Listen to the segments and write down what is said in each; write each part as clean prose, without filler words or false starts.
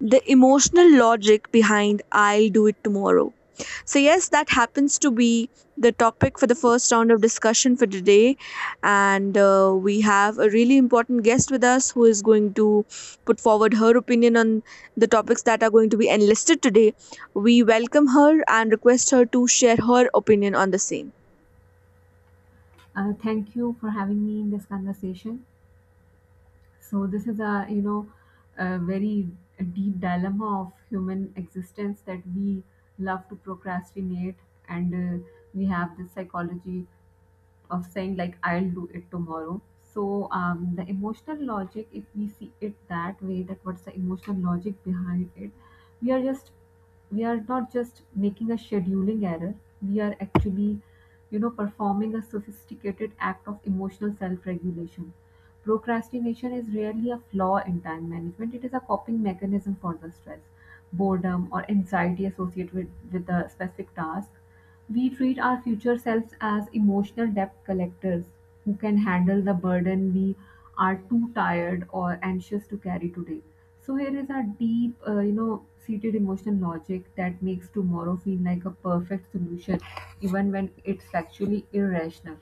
The emotional logic behind I'll do it tomorrow. So, yes, that happens to be the topic for the first round of discussion for today. And we have a really important guest with us who is going to put forward her opinion on the topics that are going to be enlisted today. We welcome her and request her to share her opinion on the same. Thank you for having me in this conversation. So this is a a very deep dilemma of human existence that we love to procrastinate, and we have this psychology of saying like I'll do it tomorrow. The emotional logic, if we see it that way, that what's the emotional logic behind it? We are just we are not just making a scheduling error. We are actually, you know, performing a sophisticated act of emotional self regulation. Procrastination is rarely a flaw in time management. It is a coping mechanism for the stress, boredom, or anxiety associated with a specific task. We treat our future selves as emotional debt collectors who can handle the burden we are too tired or anxious to carry today. So here is our deep, you know, seated emotional logic that makes tomorrow feel like a perfect solution, even when it's actually irrational.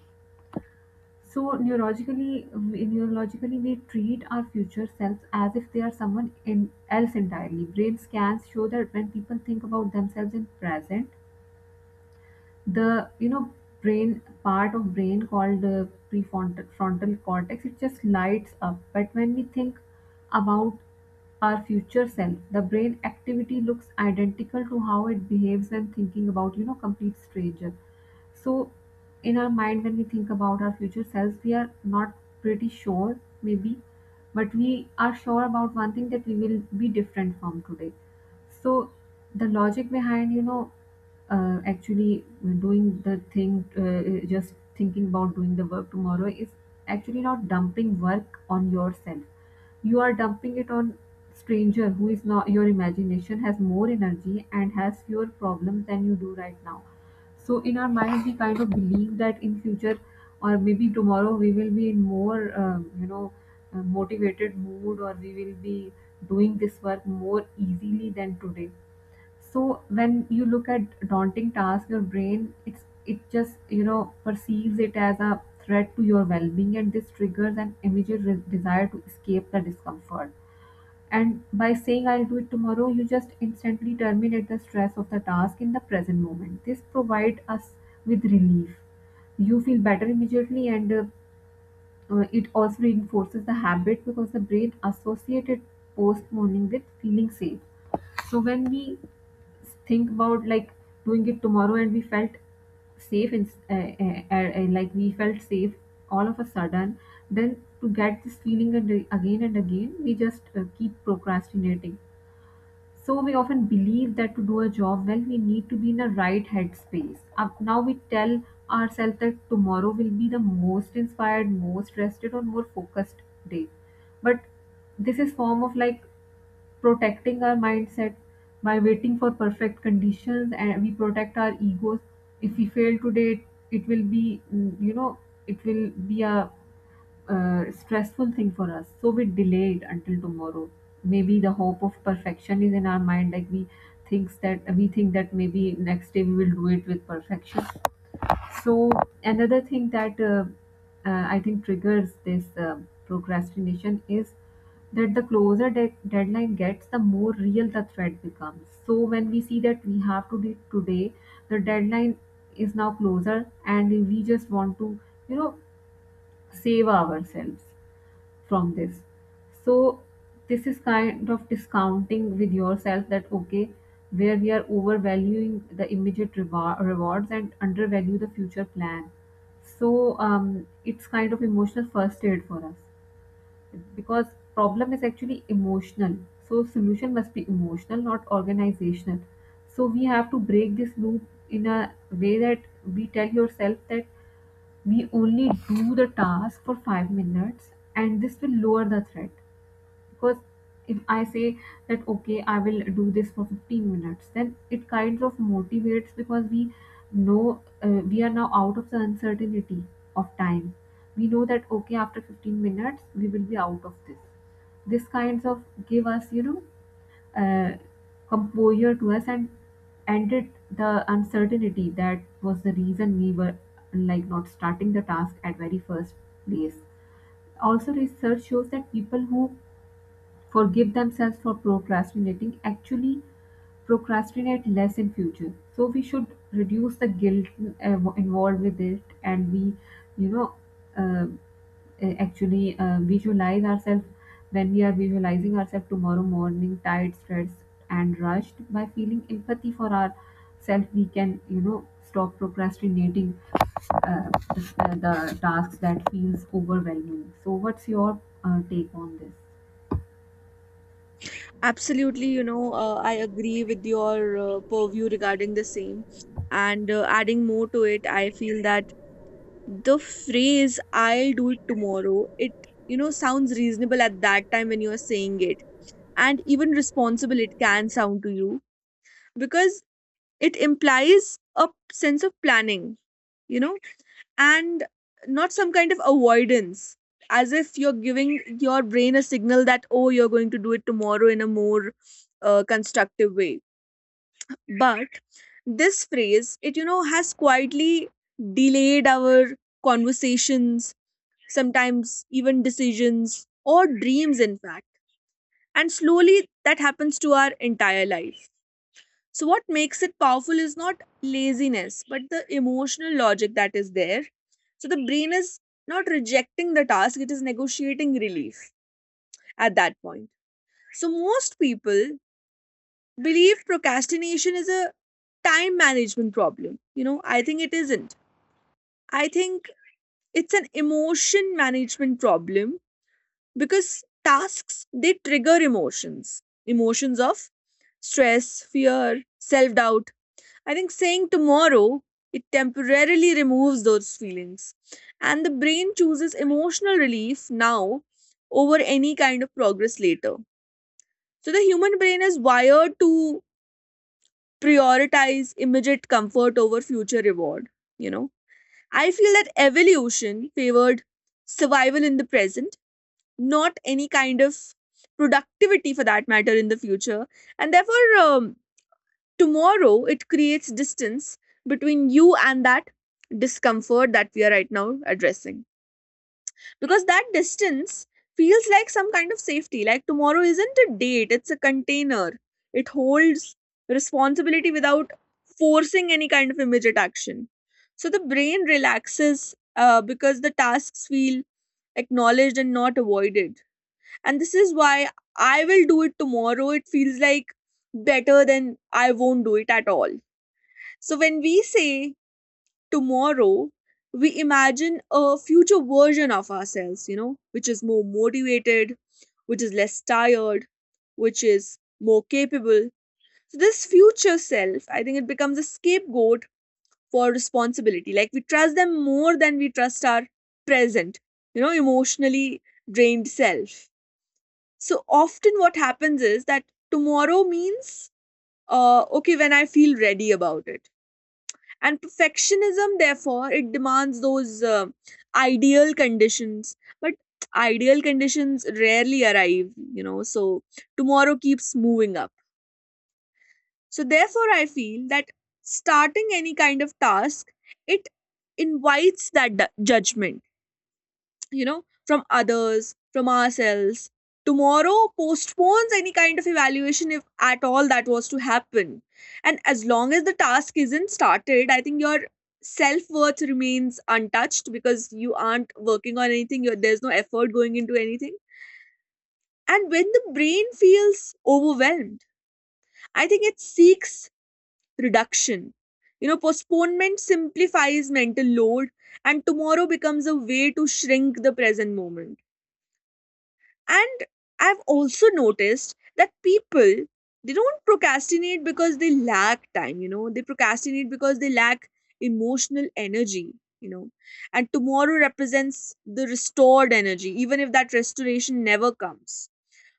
So neurologically, we treat our future selves as if they are someone else entirely. Brain scans show that when people think about themselves in present, the, you know, brain part of brain called the prefrontal frontal cortex, it just lights up. But when we think about our future self, the brain activity looks identical to how it behaves when thinking about, you know, complete stranger. So in our mind, when we think about our future selves, we are not pretty sure maybe, but we are sure about one thing: that we will be different from today. So the logic behind, you know, actually doing the thing, just thinking about doing the work tomorrow is actually not dumping work on yourself. You are dumping it on stranger who is not your imagination, has more energy and has fewer problems than you do right now. So in our minds, we kind of believe that in future, or maybe tomorrow, we will be in more, you know, motivated mood, or we will be doing this work more easily than today. So when you look at daunting task, your brain, it just, you know, perceives it as a threat to your well-being, and this triggers an immediate desire to escape the discomfort. And by saying I'll do it tomorrow, you just instantly terminate the stress of the task in the present moment. This provides us with relief. You feel better immediately, and it also reinforces the habit because the brain associated postponing with feeling safe. So when we think about like doing it tomorrow and we felt safe and like we felt safe all of a sudden, then to get this feeling and again and again, we just keep procrastinating. So we often believe that to do a job well, we need to be in a right headspace. Now we tell ourselves that tomorrow will be the most inspired, most rested, or more focused day. But this is form of like protecting our mindset. By waiting for perfect conditions, and we protect our egos. If we fail today, it will be you know, it will be a stressful thing for us. So we delay it until tomorrow. Maybe the hope of perfection is in our mind, like we think that maybe next day we will do it with perfection. So another thing that I think triggers this procrastination is that the closer deadline gets, the more real the threat becomes. So when we see that we have to do it today, the deadline is now closer, and we just want to, you know, save ourselves from this. So this is kind of discounting with yourself that okay, where we are overvaluing the immediate rewards and undervalue the future plan. So it's kind of emotional first aid for us because problem is actually emotional. So solution must be emotional, not organizational. So we have to break this loop in a way that we tell yourself that we only do the task for 5 minutes, and this will lower the threat. Because if I say that okay, I will do this for 15 minutes, then it kind of motivates, because we know, we are now out of the uncertainty of time. We know that okay, after 15 minutes we will be out of this. This kinds of give us, you know, uh, composure to us and ended the uncertainty that was the reason we were like not starting the task at very first place. Also, research shows that people who forgive themselves for procrastinating actually procrastinate less in future. So we should reduce the guilt involved with it, and we, you know, uh, actually visualize ourselves, when we are visualizing ourselves tomorrow morning, tired, stressed, and rushed. By feeling empathy for ourselves, we can, you know, stop procrastinating uh, the, the tasks that feels overwhelming. So, what's your take on Absolutely, I agree with your purview regarding the same. And adding more to it, I feel that the phrase I'll do it tomorrow, it sounds reasonable at that time when you're saying it, and even responsible it can sound to you, because it implies a sense of planning, you know and not some kind of avoidance, as if you're giving your brain a signal that oh, you're going to do it tomorrow in a more constructive way. But this phrase, it has quietly delayed our conversations, sometimes even decisions or dreams, in fact. And slowly that happens to our entire life. So, what makes it powerful is not laziness, but the emotional logic that is there. So, the brain is not rejecting the task, it is negotiating relief at that point. So, most people believe procrastination is a time management problem. You know, I think it isn't. I think it's an emotion management problem, because tasks, they trigger emotions, emotions of stress, fear, self doubt. I think saying tomorrow, it temporarily removes those feelings, and the brain chooses emotional relief now over any kind of progress later. So the human brain is wired to prioritize immediate comfort over future reward. You know, I feel that evolution favored survival in the present, not any kind of productivity for that matter in the future. And therefore, tomorrow, it creates distance between you and that discomfort that we are right now addressing. Because that distance feels like some kind of safety. Like tomorrow isn't a date, it's a container. It holds responsibility without forcing any kind of immediate action. So the brain relaxes because the tasks feel acknowledged and not avoided. And this is why I will do it tomorrow, it feels like better than I won't do it at all. So when we say tomorrow, we imagine a future version of ourselves, you know, which is more motivated, which is less tired, which is more capable. So this future self, I think it becomes a scapegoat for responsibility, like we trust them more than we trust our present, you know, emotionally drained self. So often what happens is that tomorrow means okay, when I feel ready about it. And perfectionism, therefore, it demands those ideal conditions. But ideal conditions rarely arrive, you know, so tomorrow keeps moving up. So therefore, I feel that starting any kind of task, it invites that judgment, you know, from others, from ourselves. Tomorrow postpones any kind of evaluation, if at all that was to happen. And as long as the task isn't started, I think your self worth remains untouched, because you aren't working on anything, you're, there's no effort going into anything. And when the brain feels overwhelmed, I think it seeks reduction. You know, postponement simplifies mental load, and tomorrow becomes a way to shrink the present moment. And I've also noticed that people, they don't procrastinate because they lack time, you know. They procrastinate because they lack emotional energy, you know. And tomorrow represents the restored energy, even if that restoration never comes.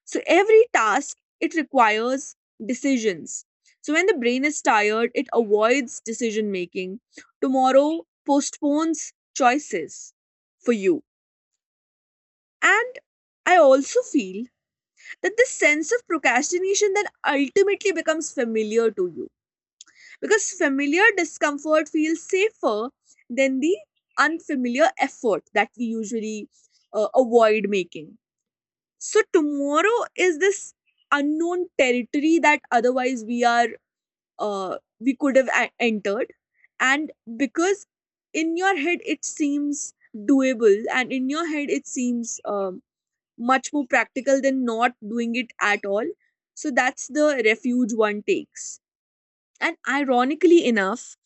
So every task, it requires decisions. So when the brain is tired, it avoids decision making. Tomorrow postpones choices for you. And I also feel that this sense of procrastination then ultimately becomes familiar to you, because familiar discomfort feels safer than the unfamiliar effort that we usually avoid making. So tomorrow is this unknown territory that otherwise we are, we could have entered. And because in your head it seems doable, and in your head it seems much more practical than not doing it at all. So that's the refuge one takes. And ironically enough,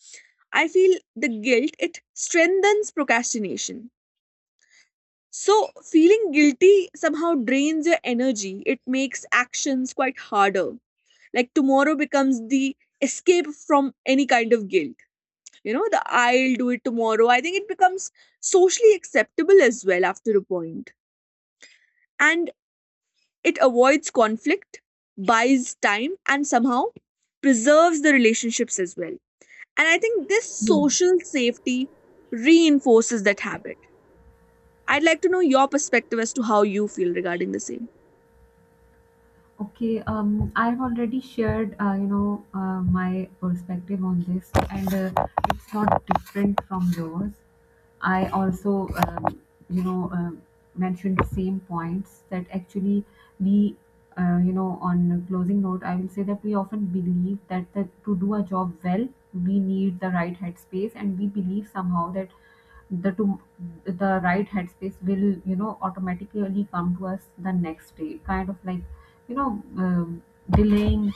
I feel the guilt, it strengthens procrastination. So feeling guilty somehow drains your energy. It makes actions quite harder. Like tomorrow becomes the escape from any kind of guilt. You know, the I'll do it tomorrow, I think it becomes socially acceptable as well after a point. And it avoids conflict, buys time, and somehow preserves the relationships as well. And I think this this? social safety reinforces that habit. I'd like to know your perspective as to how you feel regarding the same. Okay, I've already shared, you know, my perspective on this, and it's not different from yours. I also, you know, mentioned the same points. That actually we, you know, on a closing note, I will say that we often believe that to do a job well, we need the right headspace, and we believe somehow that the to, the right headspace will, you know, automatically come to us the next day, kind of like, you know, delaying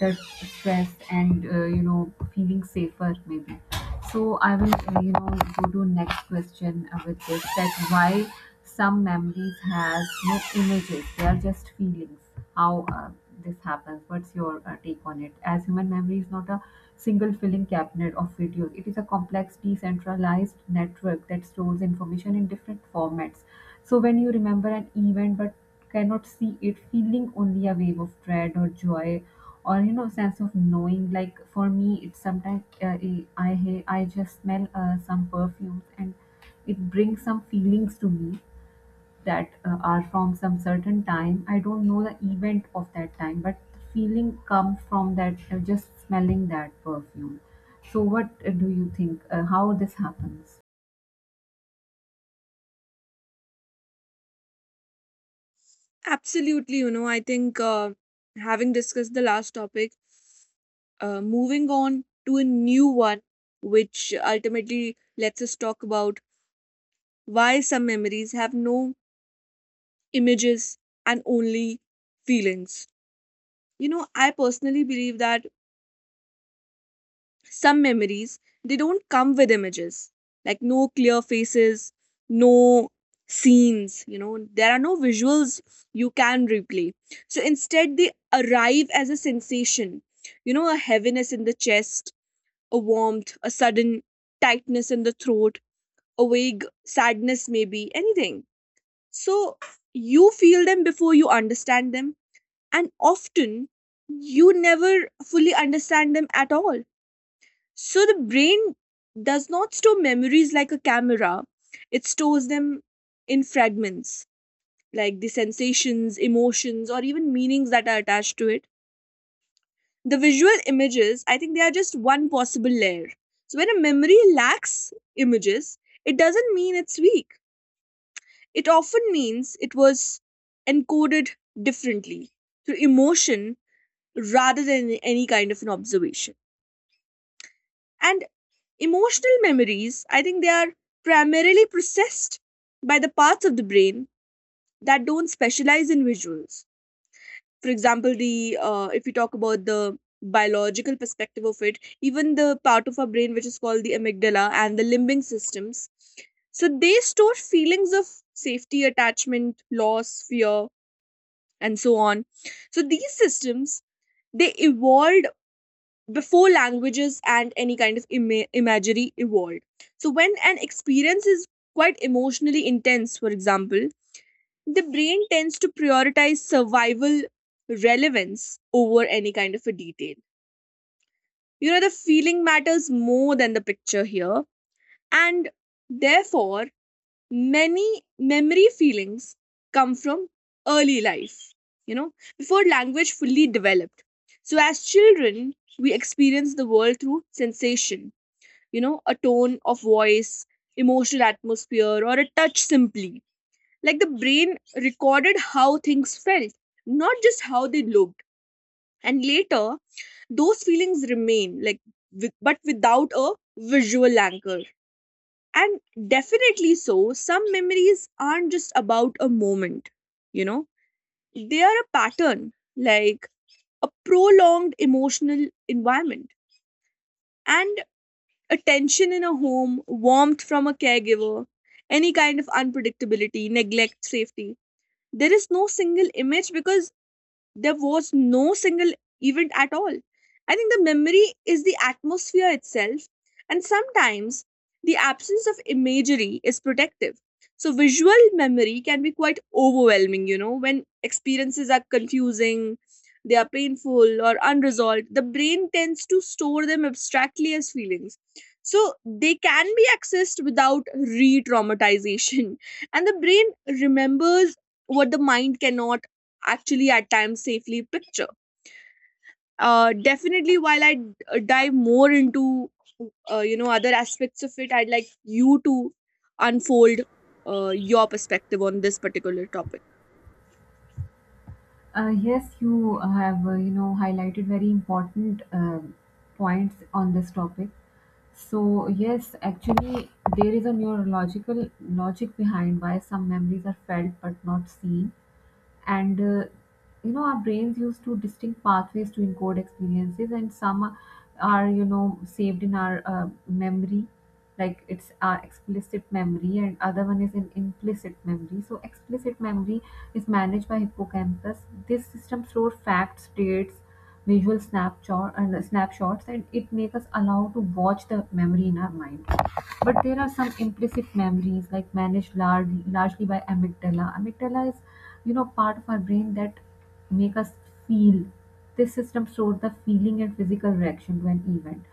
the stress and, you know, feeling safer maybe. So I will, you know, go to next question, with this, that why some memories has no images, they are just feelings. How this happens. What's your take on it? As human memory is not a single filling cabinet of videos, it is a complex, decentralized network that stores information in different formats. So when you remember an event but cannot see it, feeling only a wave of dread or joy, or, you know, sense of knowing. Like for me, it's sometimes I just smell some perfumes, and it brings some feelings to me that are from some certain time. I don't know the event of that time, but the feeling comes from that, just smelling that perfume. So, what do you think? How this happens? Absolutely, you know, I think having discussed the last topic, moving on to a new one, which ultimately lets us talk about why some memories have no images and only feelings. You know, I personally believe that some memories, they don't come with images. Like no clear faces, no scenes, you know, there are no visuals you can replay. So instead they arrive as a sensation. You know, a heaviness in the chest, a warmth, a sudden tightness in the throat, a vague sadness maybe, anything. So you feel them before you understand them, and often you never fully understand them at all. So the brain does not store memories like a camera, it stores them in fragments, like the sensations, emotions, or even meanings that are attached to it. The visual images, I think they are just one possible layer. So when a memory lacks images, it doesn't mean it's weak. It often means it was encoded differently through emotion rather than any kind of an observation. And emotional memories, I think they are primarily processed by the parts of the brain that don't specialize in visuals. For example, the if we talk about the biological perspective of it, even the part of our brain which is called the amygdala and the limbic systems, so they store feelings of safety, attachment, loss, fear, and so on. So these systems, they evolved before languages and any kind of imagery evolved. So, when an experience is quite emotionally intense, for example, the brain tends to prioritize survival relevance over any kind of a detail. You know, the feeling matters more than the picture here, and therefore, many memory feelings come from early life, you know, before language fully developed. So, as children, we experience the world through sensation, you know, a tone of voice, emotional atmosphere, or a touch simply. Like the brain recorded how things felt, not just how they looked. And later, those feelings remain, like, with, but without a visual anchor. And definitely so, some memories aren't just about a moment, you know, they are a pattern, like a prolonged emotional environment. And attention in a home, warmth from a caregiver, any kind of unpredictability, neglect, safety. There is no single image because there was no single event at all. I think the memory is the atmosphere itself, and sometimes the absence of imagery is protective. So, visual memory can be quite overwhelming, you know, when experiences are confusing, they are painful, or unresolved. The brain tends to store them abstractly as feelings. So, they can be accessed without re traumatization. And the brain remembers what the mind cannot actually at times safely picture. Definitely, while I dive more into you know other aspects of it, I'd like you to unfold your perspective on this particular topic. Yes, you have, you know, highlighted very important points on this topic. So yes, actually there is a neurological logic behind why some memories are felt but not seen, and you know, our brains use two distinct pathways to encode experiences, and some are, you know, saved in our memory, like it's our explicit memory, and other one is an implicit memory. So explicit memory is managed by hippocampus. This system stores facts, dates, visual snapshot and snapshots, and it makes us allow to watch the memory in our mind. But there are some implicit memories, like managed largely by amygdala. Amygdala is, you know, part of our brain that make us feel. This system stores the feeling and physical reaction to an event.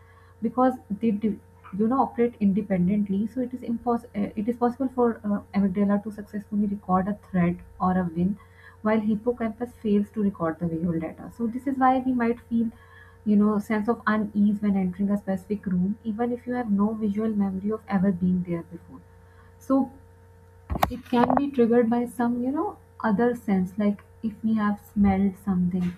Because they do, you know, operate independently. So it is it is possible for amygdala to successfully record a threat or a win while hippocampus fails to record the visual data. So this is why we might feel, you know, sense of unease when entering a specific room, even if you have no visual memory of ever being there before. So it can be triggered by some, you know, other sense. Like if we have smelled something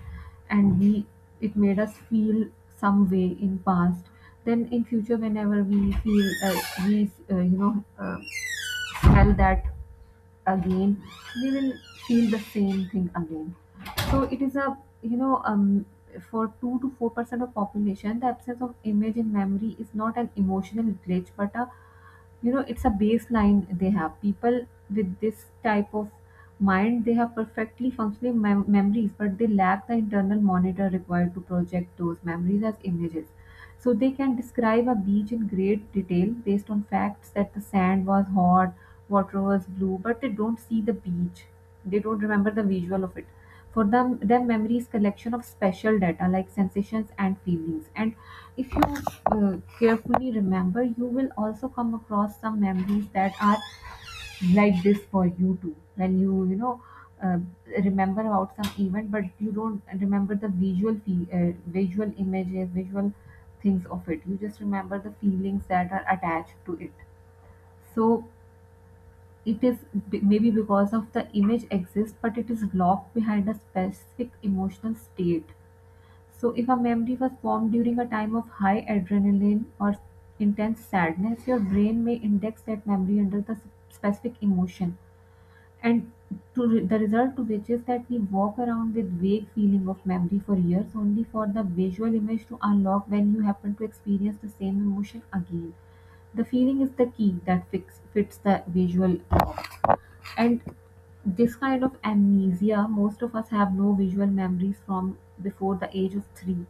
and we it made us feel some way in past, then in future, whenever we feel, we, you know, smell that again, we will feel the same thing again. So it is a, you know, for 2 to 4% of population, the absence of image in memory is not an emotional glitch, but a, you know, it's a baseline they have. People with this type of mind, they have perfectly functioning memories, but they lack the internal monitor required to project those memories as images. So they can describe a beach in great detail based on facts, that the sand was hot, water was blue, but they don't see the beach. They don't remember the visual of it. For them, memory is collection of special data, like sensations and feelings. And if you carefully remember, you will also come across some memories that are like this for you too. When you know, uh, remember about some event, but you don't remember the visual images, visual things of it. You just remember the feelings that are attached to it. So it is maybe because of the image exists, but it is locked behind a specific emotional state. So, if a memory was formed during a time of high adrenaline or intense sadness, your brain may index that memory under the specific emotion, and the result to which is that we walk around with vague feeling of memory for years, only for the visual image to unlock when you happen to experience the same emotion again. The feeling is the key that fits the visual. And this kind of amnesia, most of us have no visual memories from before the age of 3.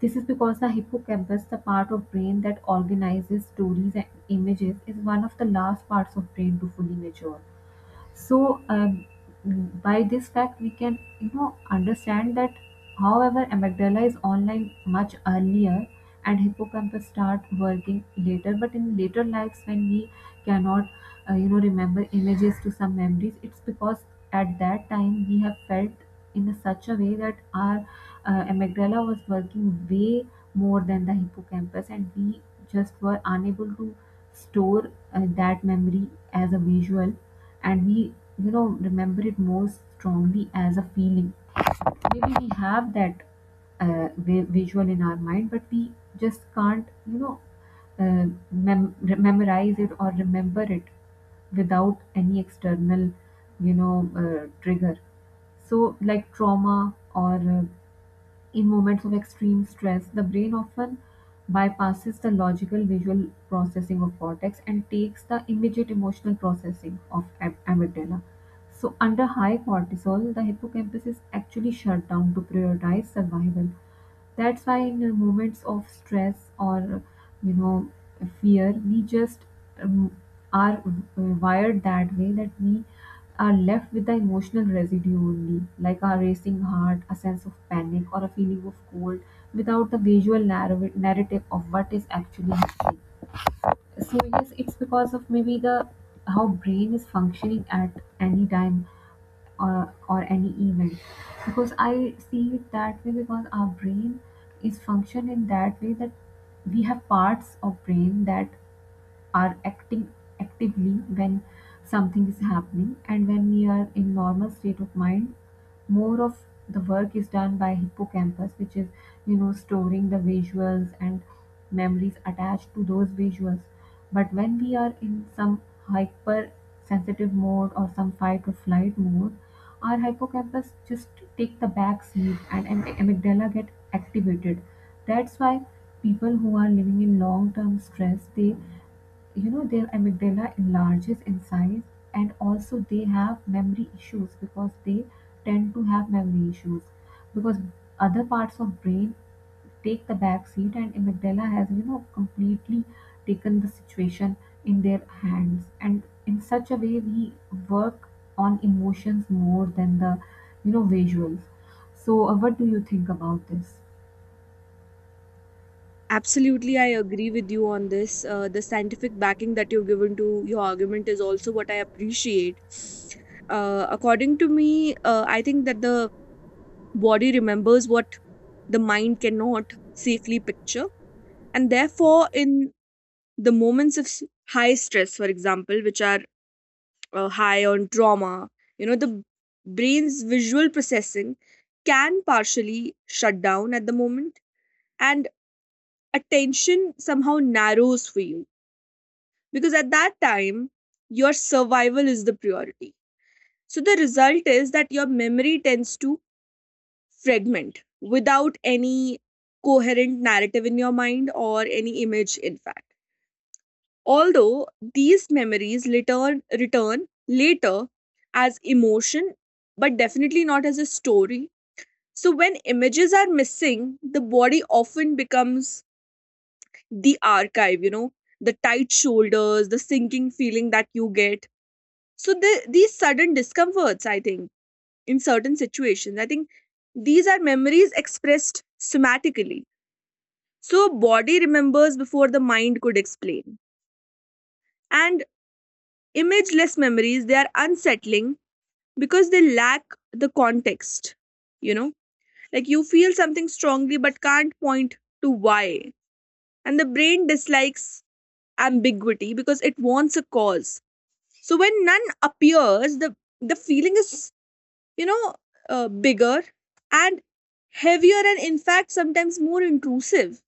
This is because the hippocampus, the part of brain that organizes stories and images, is one of the last parts of brain to fully mature. So by this fact we can, you know, understand that however amygdala is online much earlier, and hippocampus start working later, but in later lives when we cannot you know, remember images to some memories, it's because at that time we have felt in a such a way that our amygdala was working way more than the hippocampus, and we just were unable to store that memory as a visual, and we, you know, remember it most strongly as a feeling. Maybe we have that visual in our mind, but we just can't, you know, memorize it or remember it without any external, you know, trigger. So, like trauma or in moments of extreme stress, the brain often bypasses the logical visual processing of cortex and takes the immediate emotional processing of amygdala. So, under high cortisol, the hippocampus is actually shut down to prioritize survival. That's why in moments of stress or, you know, fear, we just um, are wired that way that we are left with the emotional residue only, like a racing heart, a sense of panic, or a feeling of cold, without the visual narrative of what is actually happening. So yes, it's because of maybe the how brain is functioning at any time, or any event. Because I see it that way, because our brain is functioned in that way that we have parts of brain that are acting actively when something is happening, and when we are in normal state of mind, more of the work is done by hippocampus, which is, you know, storing the visuals and memories attached to those visuals. But when we are in some hyper sensitive mode or some fight or flight mode, our hippocampus just take the back seat, and amygdala get activated. That's why people who are living in long term stress, they, you know, their amygdala enlarges in size, and also they have memory issues because they tend to have memory issues because other parts of brain take the back seat, and amygdala has, you know, completely taken the situation in their hands, and in such a way we work on emotions more than the, you know, visuals. So what do you think about this? Absolutely, I agree with you on this. The scientific backing that you've given to your argument is also what I appreciate. According to me, I think that the body remembers what the mind cannot safely picture. And therefore, in the moments of high stress, for example, which are high on trauma, you know, the brain's visual processing can partially shut down at the moment. And attention somehow narrows for you, because at that time your survival is the priority. So the result is that your memory tends to fragment without any coherent narrative in your mind or any image, in fact. Although these memories return later as emotion, but definitely not as a story. So when images are missing, the body often becomes the archive, you know, the tight shoulders, the sinking feeling that you get. So the, these sudden discomforts, I think, in certain situations, I think these are memories expressed somatically. So body remembers before the mind could explain. And imageless memories, they are unsettling because they lack the context. You know, like you feel something strongly but can't point to why. And the brain dislikes ambiguity because it wants a cause. So when none appears, the feeling is, you know, bigger and heavier, and in fact, sometimes more intrusive.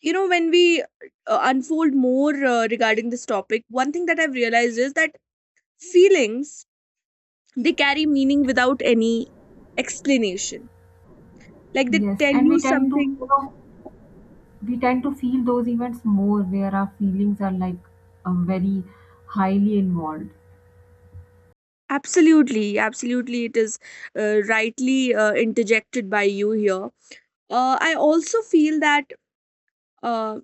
You know, when we unfold more regarding this topic, one thing that I've realized is that feelings, they carry meaning without any explanation. Like they Yes, tell and you we tend to, you something. know, we tend to feel those events more where our feelings are like very highly involved. Absolutely, absolutely, it is rightly interjected by you here. I also feel that uh,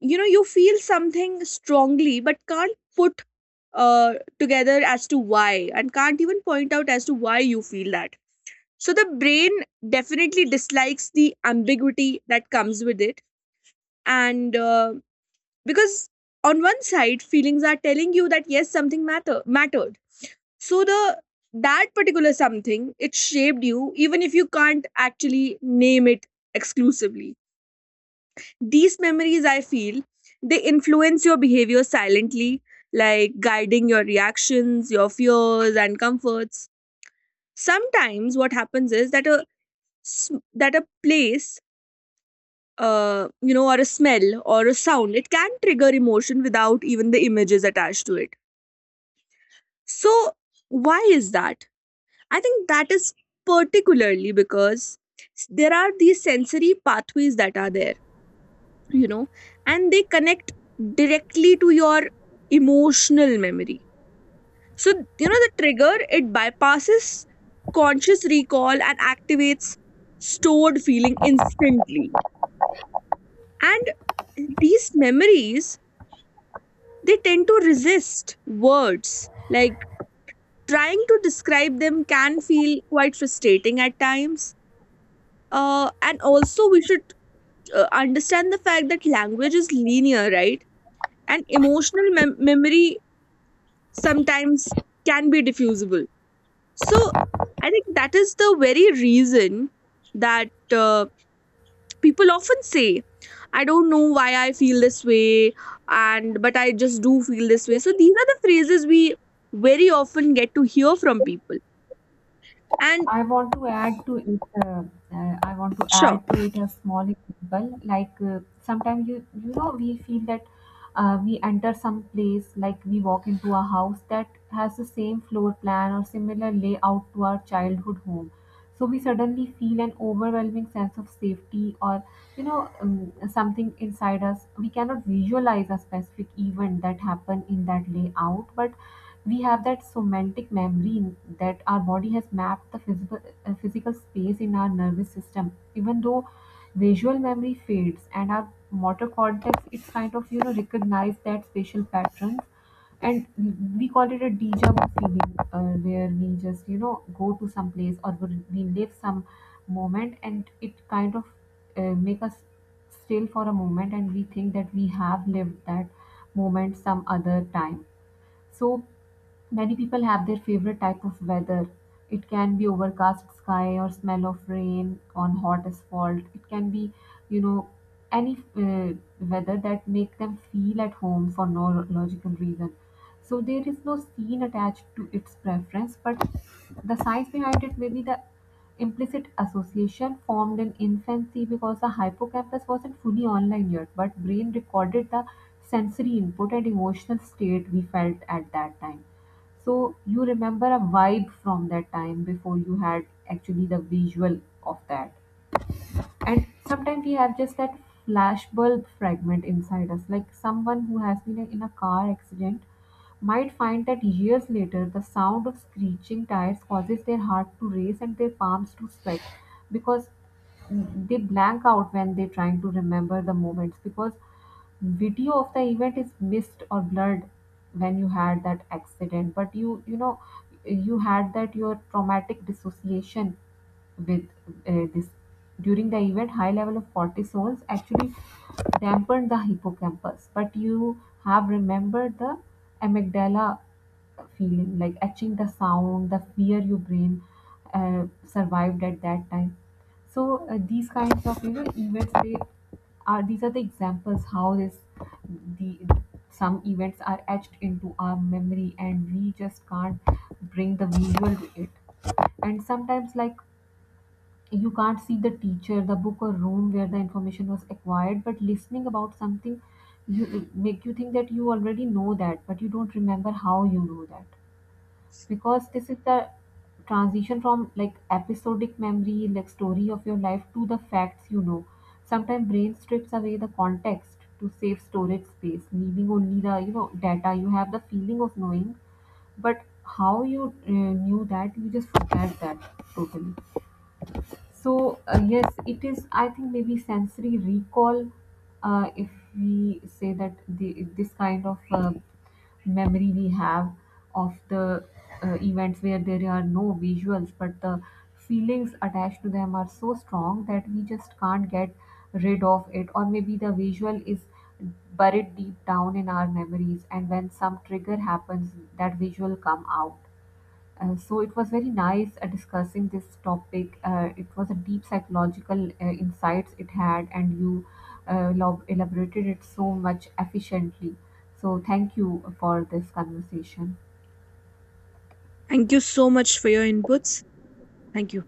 you know you feel something strongly but can't put together as to why, and can't even point out as to why you feel that. So the brain definitely dislikes the ambiguity that comes with it. And because on one side feelings are telling you that yes, something mattered, so the that particular something, it shaped you, even if you can't actually name it exclusively. These memories, I feel, they influence your behavior silently, like guiding your reactions, your fears, and comforts. Sometimes, what happens is that that a place, you know, or a smell or a sound, it can trigger emotion without even the images attached to it. So, why is that? I think that is particularly because there are these sensory pathways that are there, you know, and they connect directly to your emotional memory. So, you know, the trigger, it bypasses conscious recall and activates stored feeling instantly. And these memories, they tend to resist words, like trying to describe them can feel quite frustrating at times. And also we should understand the fact that language is linear, right? And emotional memory sometimes can be diffusible. So I think that is the very reason that people often say, I don't know why I feel this way, and but I just do feel this way. So these are the phrases we very often get to hear from people. And I want to add to it. I want to sure, add to it a small example. Like sometimes you, you know, we feel that we enter some place, like we walk into a house that has the same floor plan or similar layout to our childhood home. So we suddenly feel an overwhelming sense of safety or, you know, something inside us. We cannot visualize a specific event that happened in that layout, but we have that somatic memory that our body has mapped the physical, physical space in our nervous system. Even though visual memory fades and our motor cortex, it's kind of, you know, recognize that spatial patterns, and we call it a deja vu feeling, where we just, you know, go to some place or we live some moment, and it kind of make us still for a moment, and we think that we have lived that moment some other time. So many people have their favorite type of weather. It can be overcast sky or smell of rain on hot asphalt. It can be, you know, any weather that make them feel at home for no logical reason. So there is no scene attached to its preference, but the science behind it may be the implicit association formed in infancy because the hippocampus wasn't fully online yet, but brain recorded the sensory input and emotional state we felt at that time. So you remember a vibe from that time before you had actually the visual of that. And sometimes we have just that flashbulb fragment inside us, like someone who has been in a car accident might find that years later the sound of screeching tires causes their heart to race and their palms to sweat, because they blank out when they're trying to remember the moments, because video of the event is missed or blurred when you had that accident. But you know, you had that your traumatic dissociation with this during the event. High level of cortisols actually dampened the hippocampus, but you have remembered the amygdala feeling, like etching the sound, the fear your brain uh, survived at that time. So these kinds of, you know, events, they are these are the examples how this the some events are etched into our memory and we just can't bring the visual to it. And sometimes like you can't see the teacher, the book or room where the information was acquired, but listening about something, you, it make you think that you already know that, but you don't remember how you know that, because this is the transition from like episodic memory, like story of your life, to the facts, you know. Sometimes brain strips away the context to save storage space, leaving only the, you know, data. You have the feeling of knowing, but how you knew that, you just forget that totally. So yes, it is. I think maybe sensory recall, if we say that this kind of memory we have of the events where there are no visuals, but the feelings attached to them are so strong that we just can't get rid of it, or maybe the visual is buried deep down in our memories, and when some trigger happens, that visual come out. So it was very nice discussing this topic. It was a deep psychological insights it had, and you elaborated it so much efficiently. So thank you for this conversation. thank you so much for your inputs. Thank you.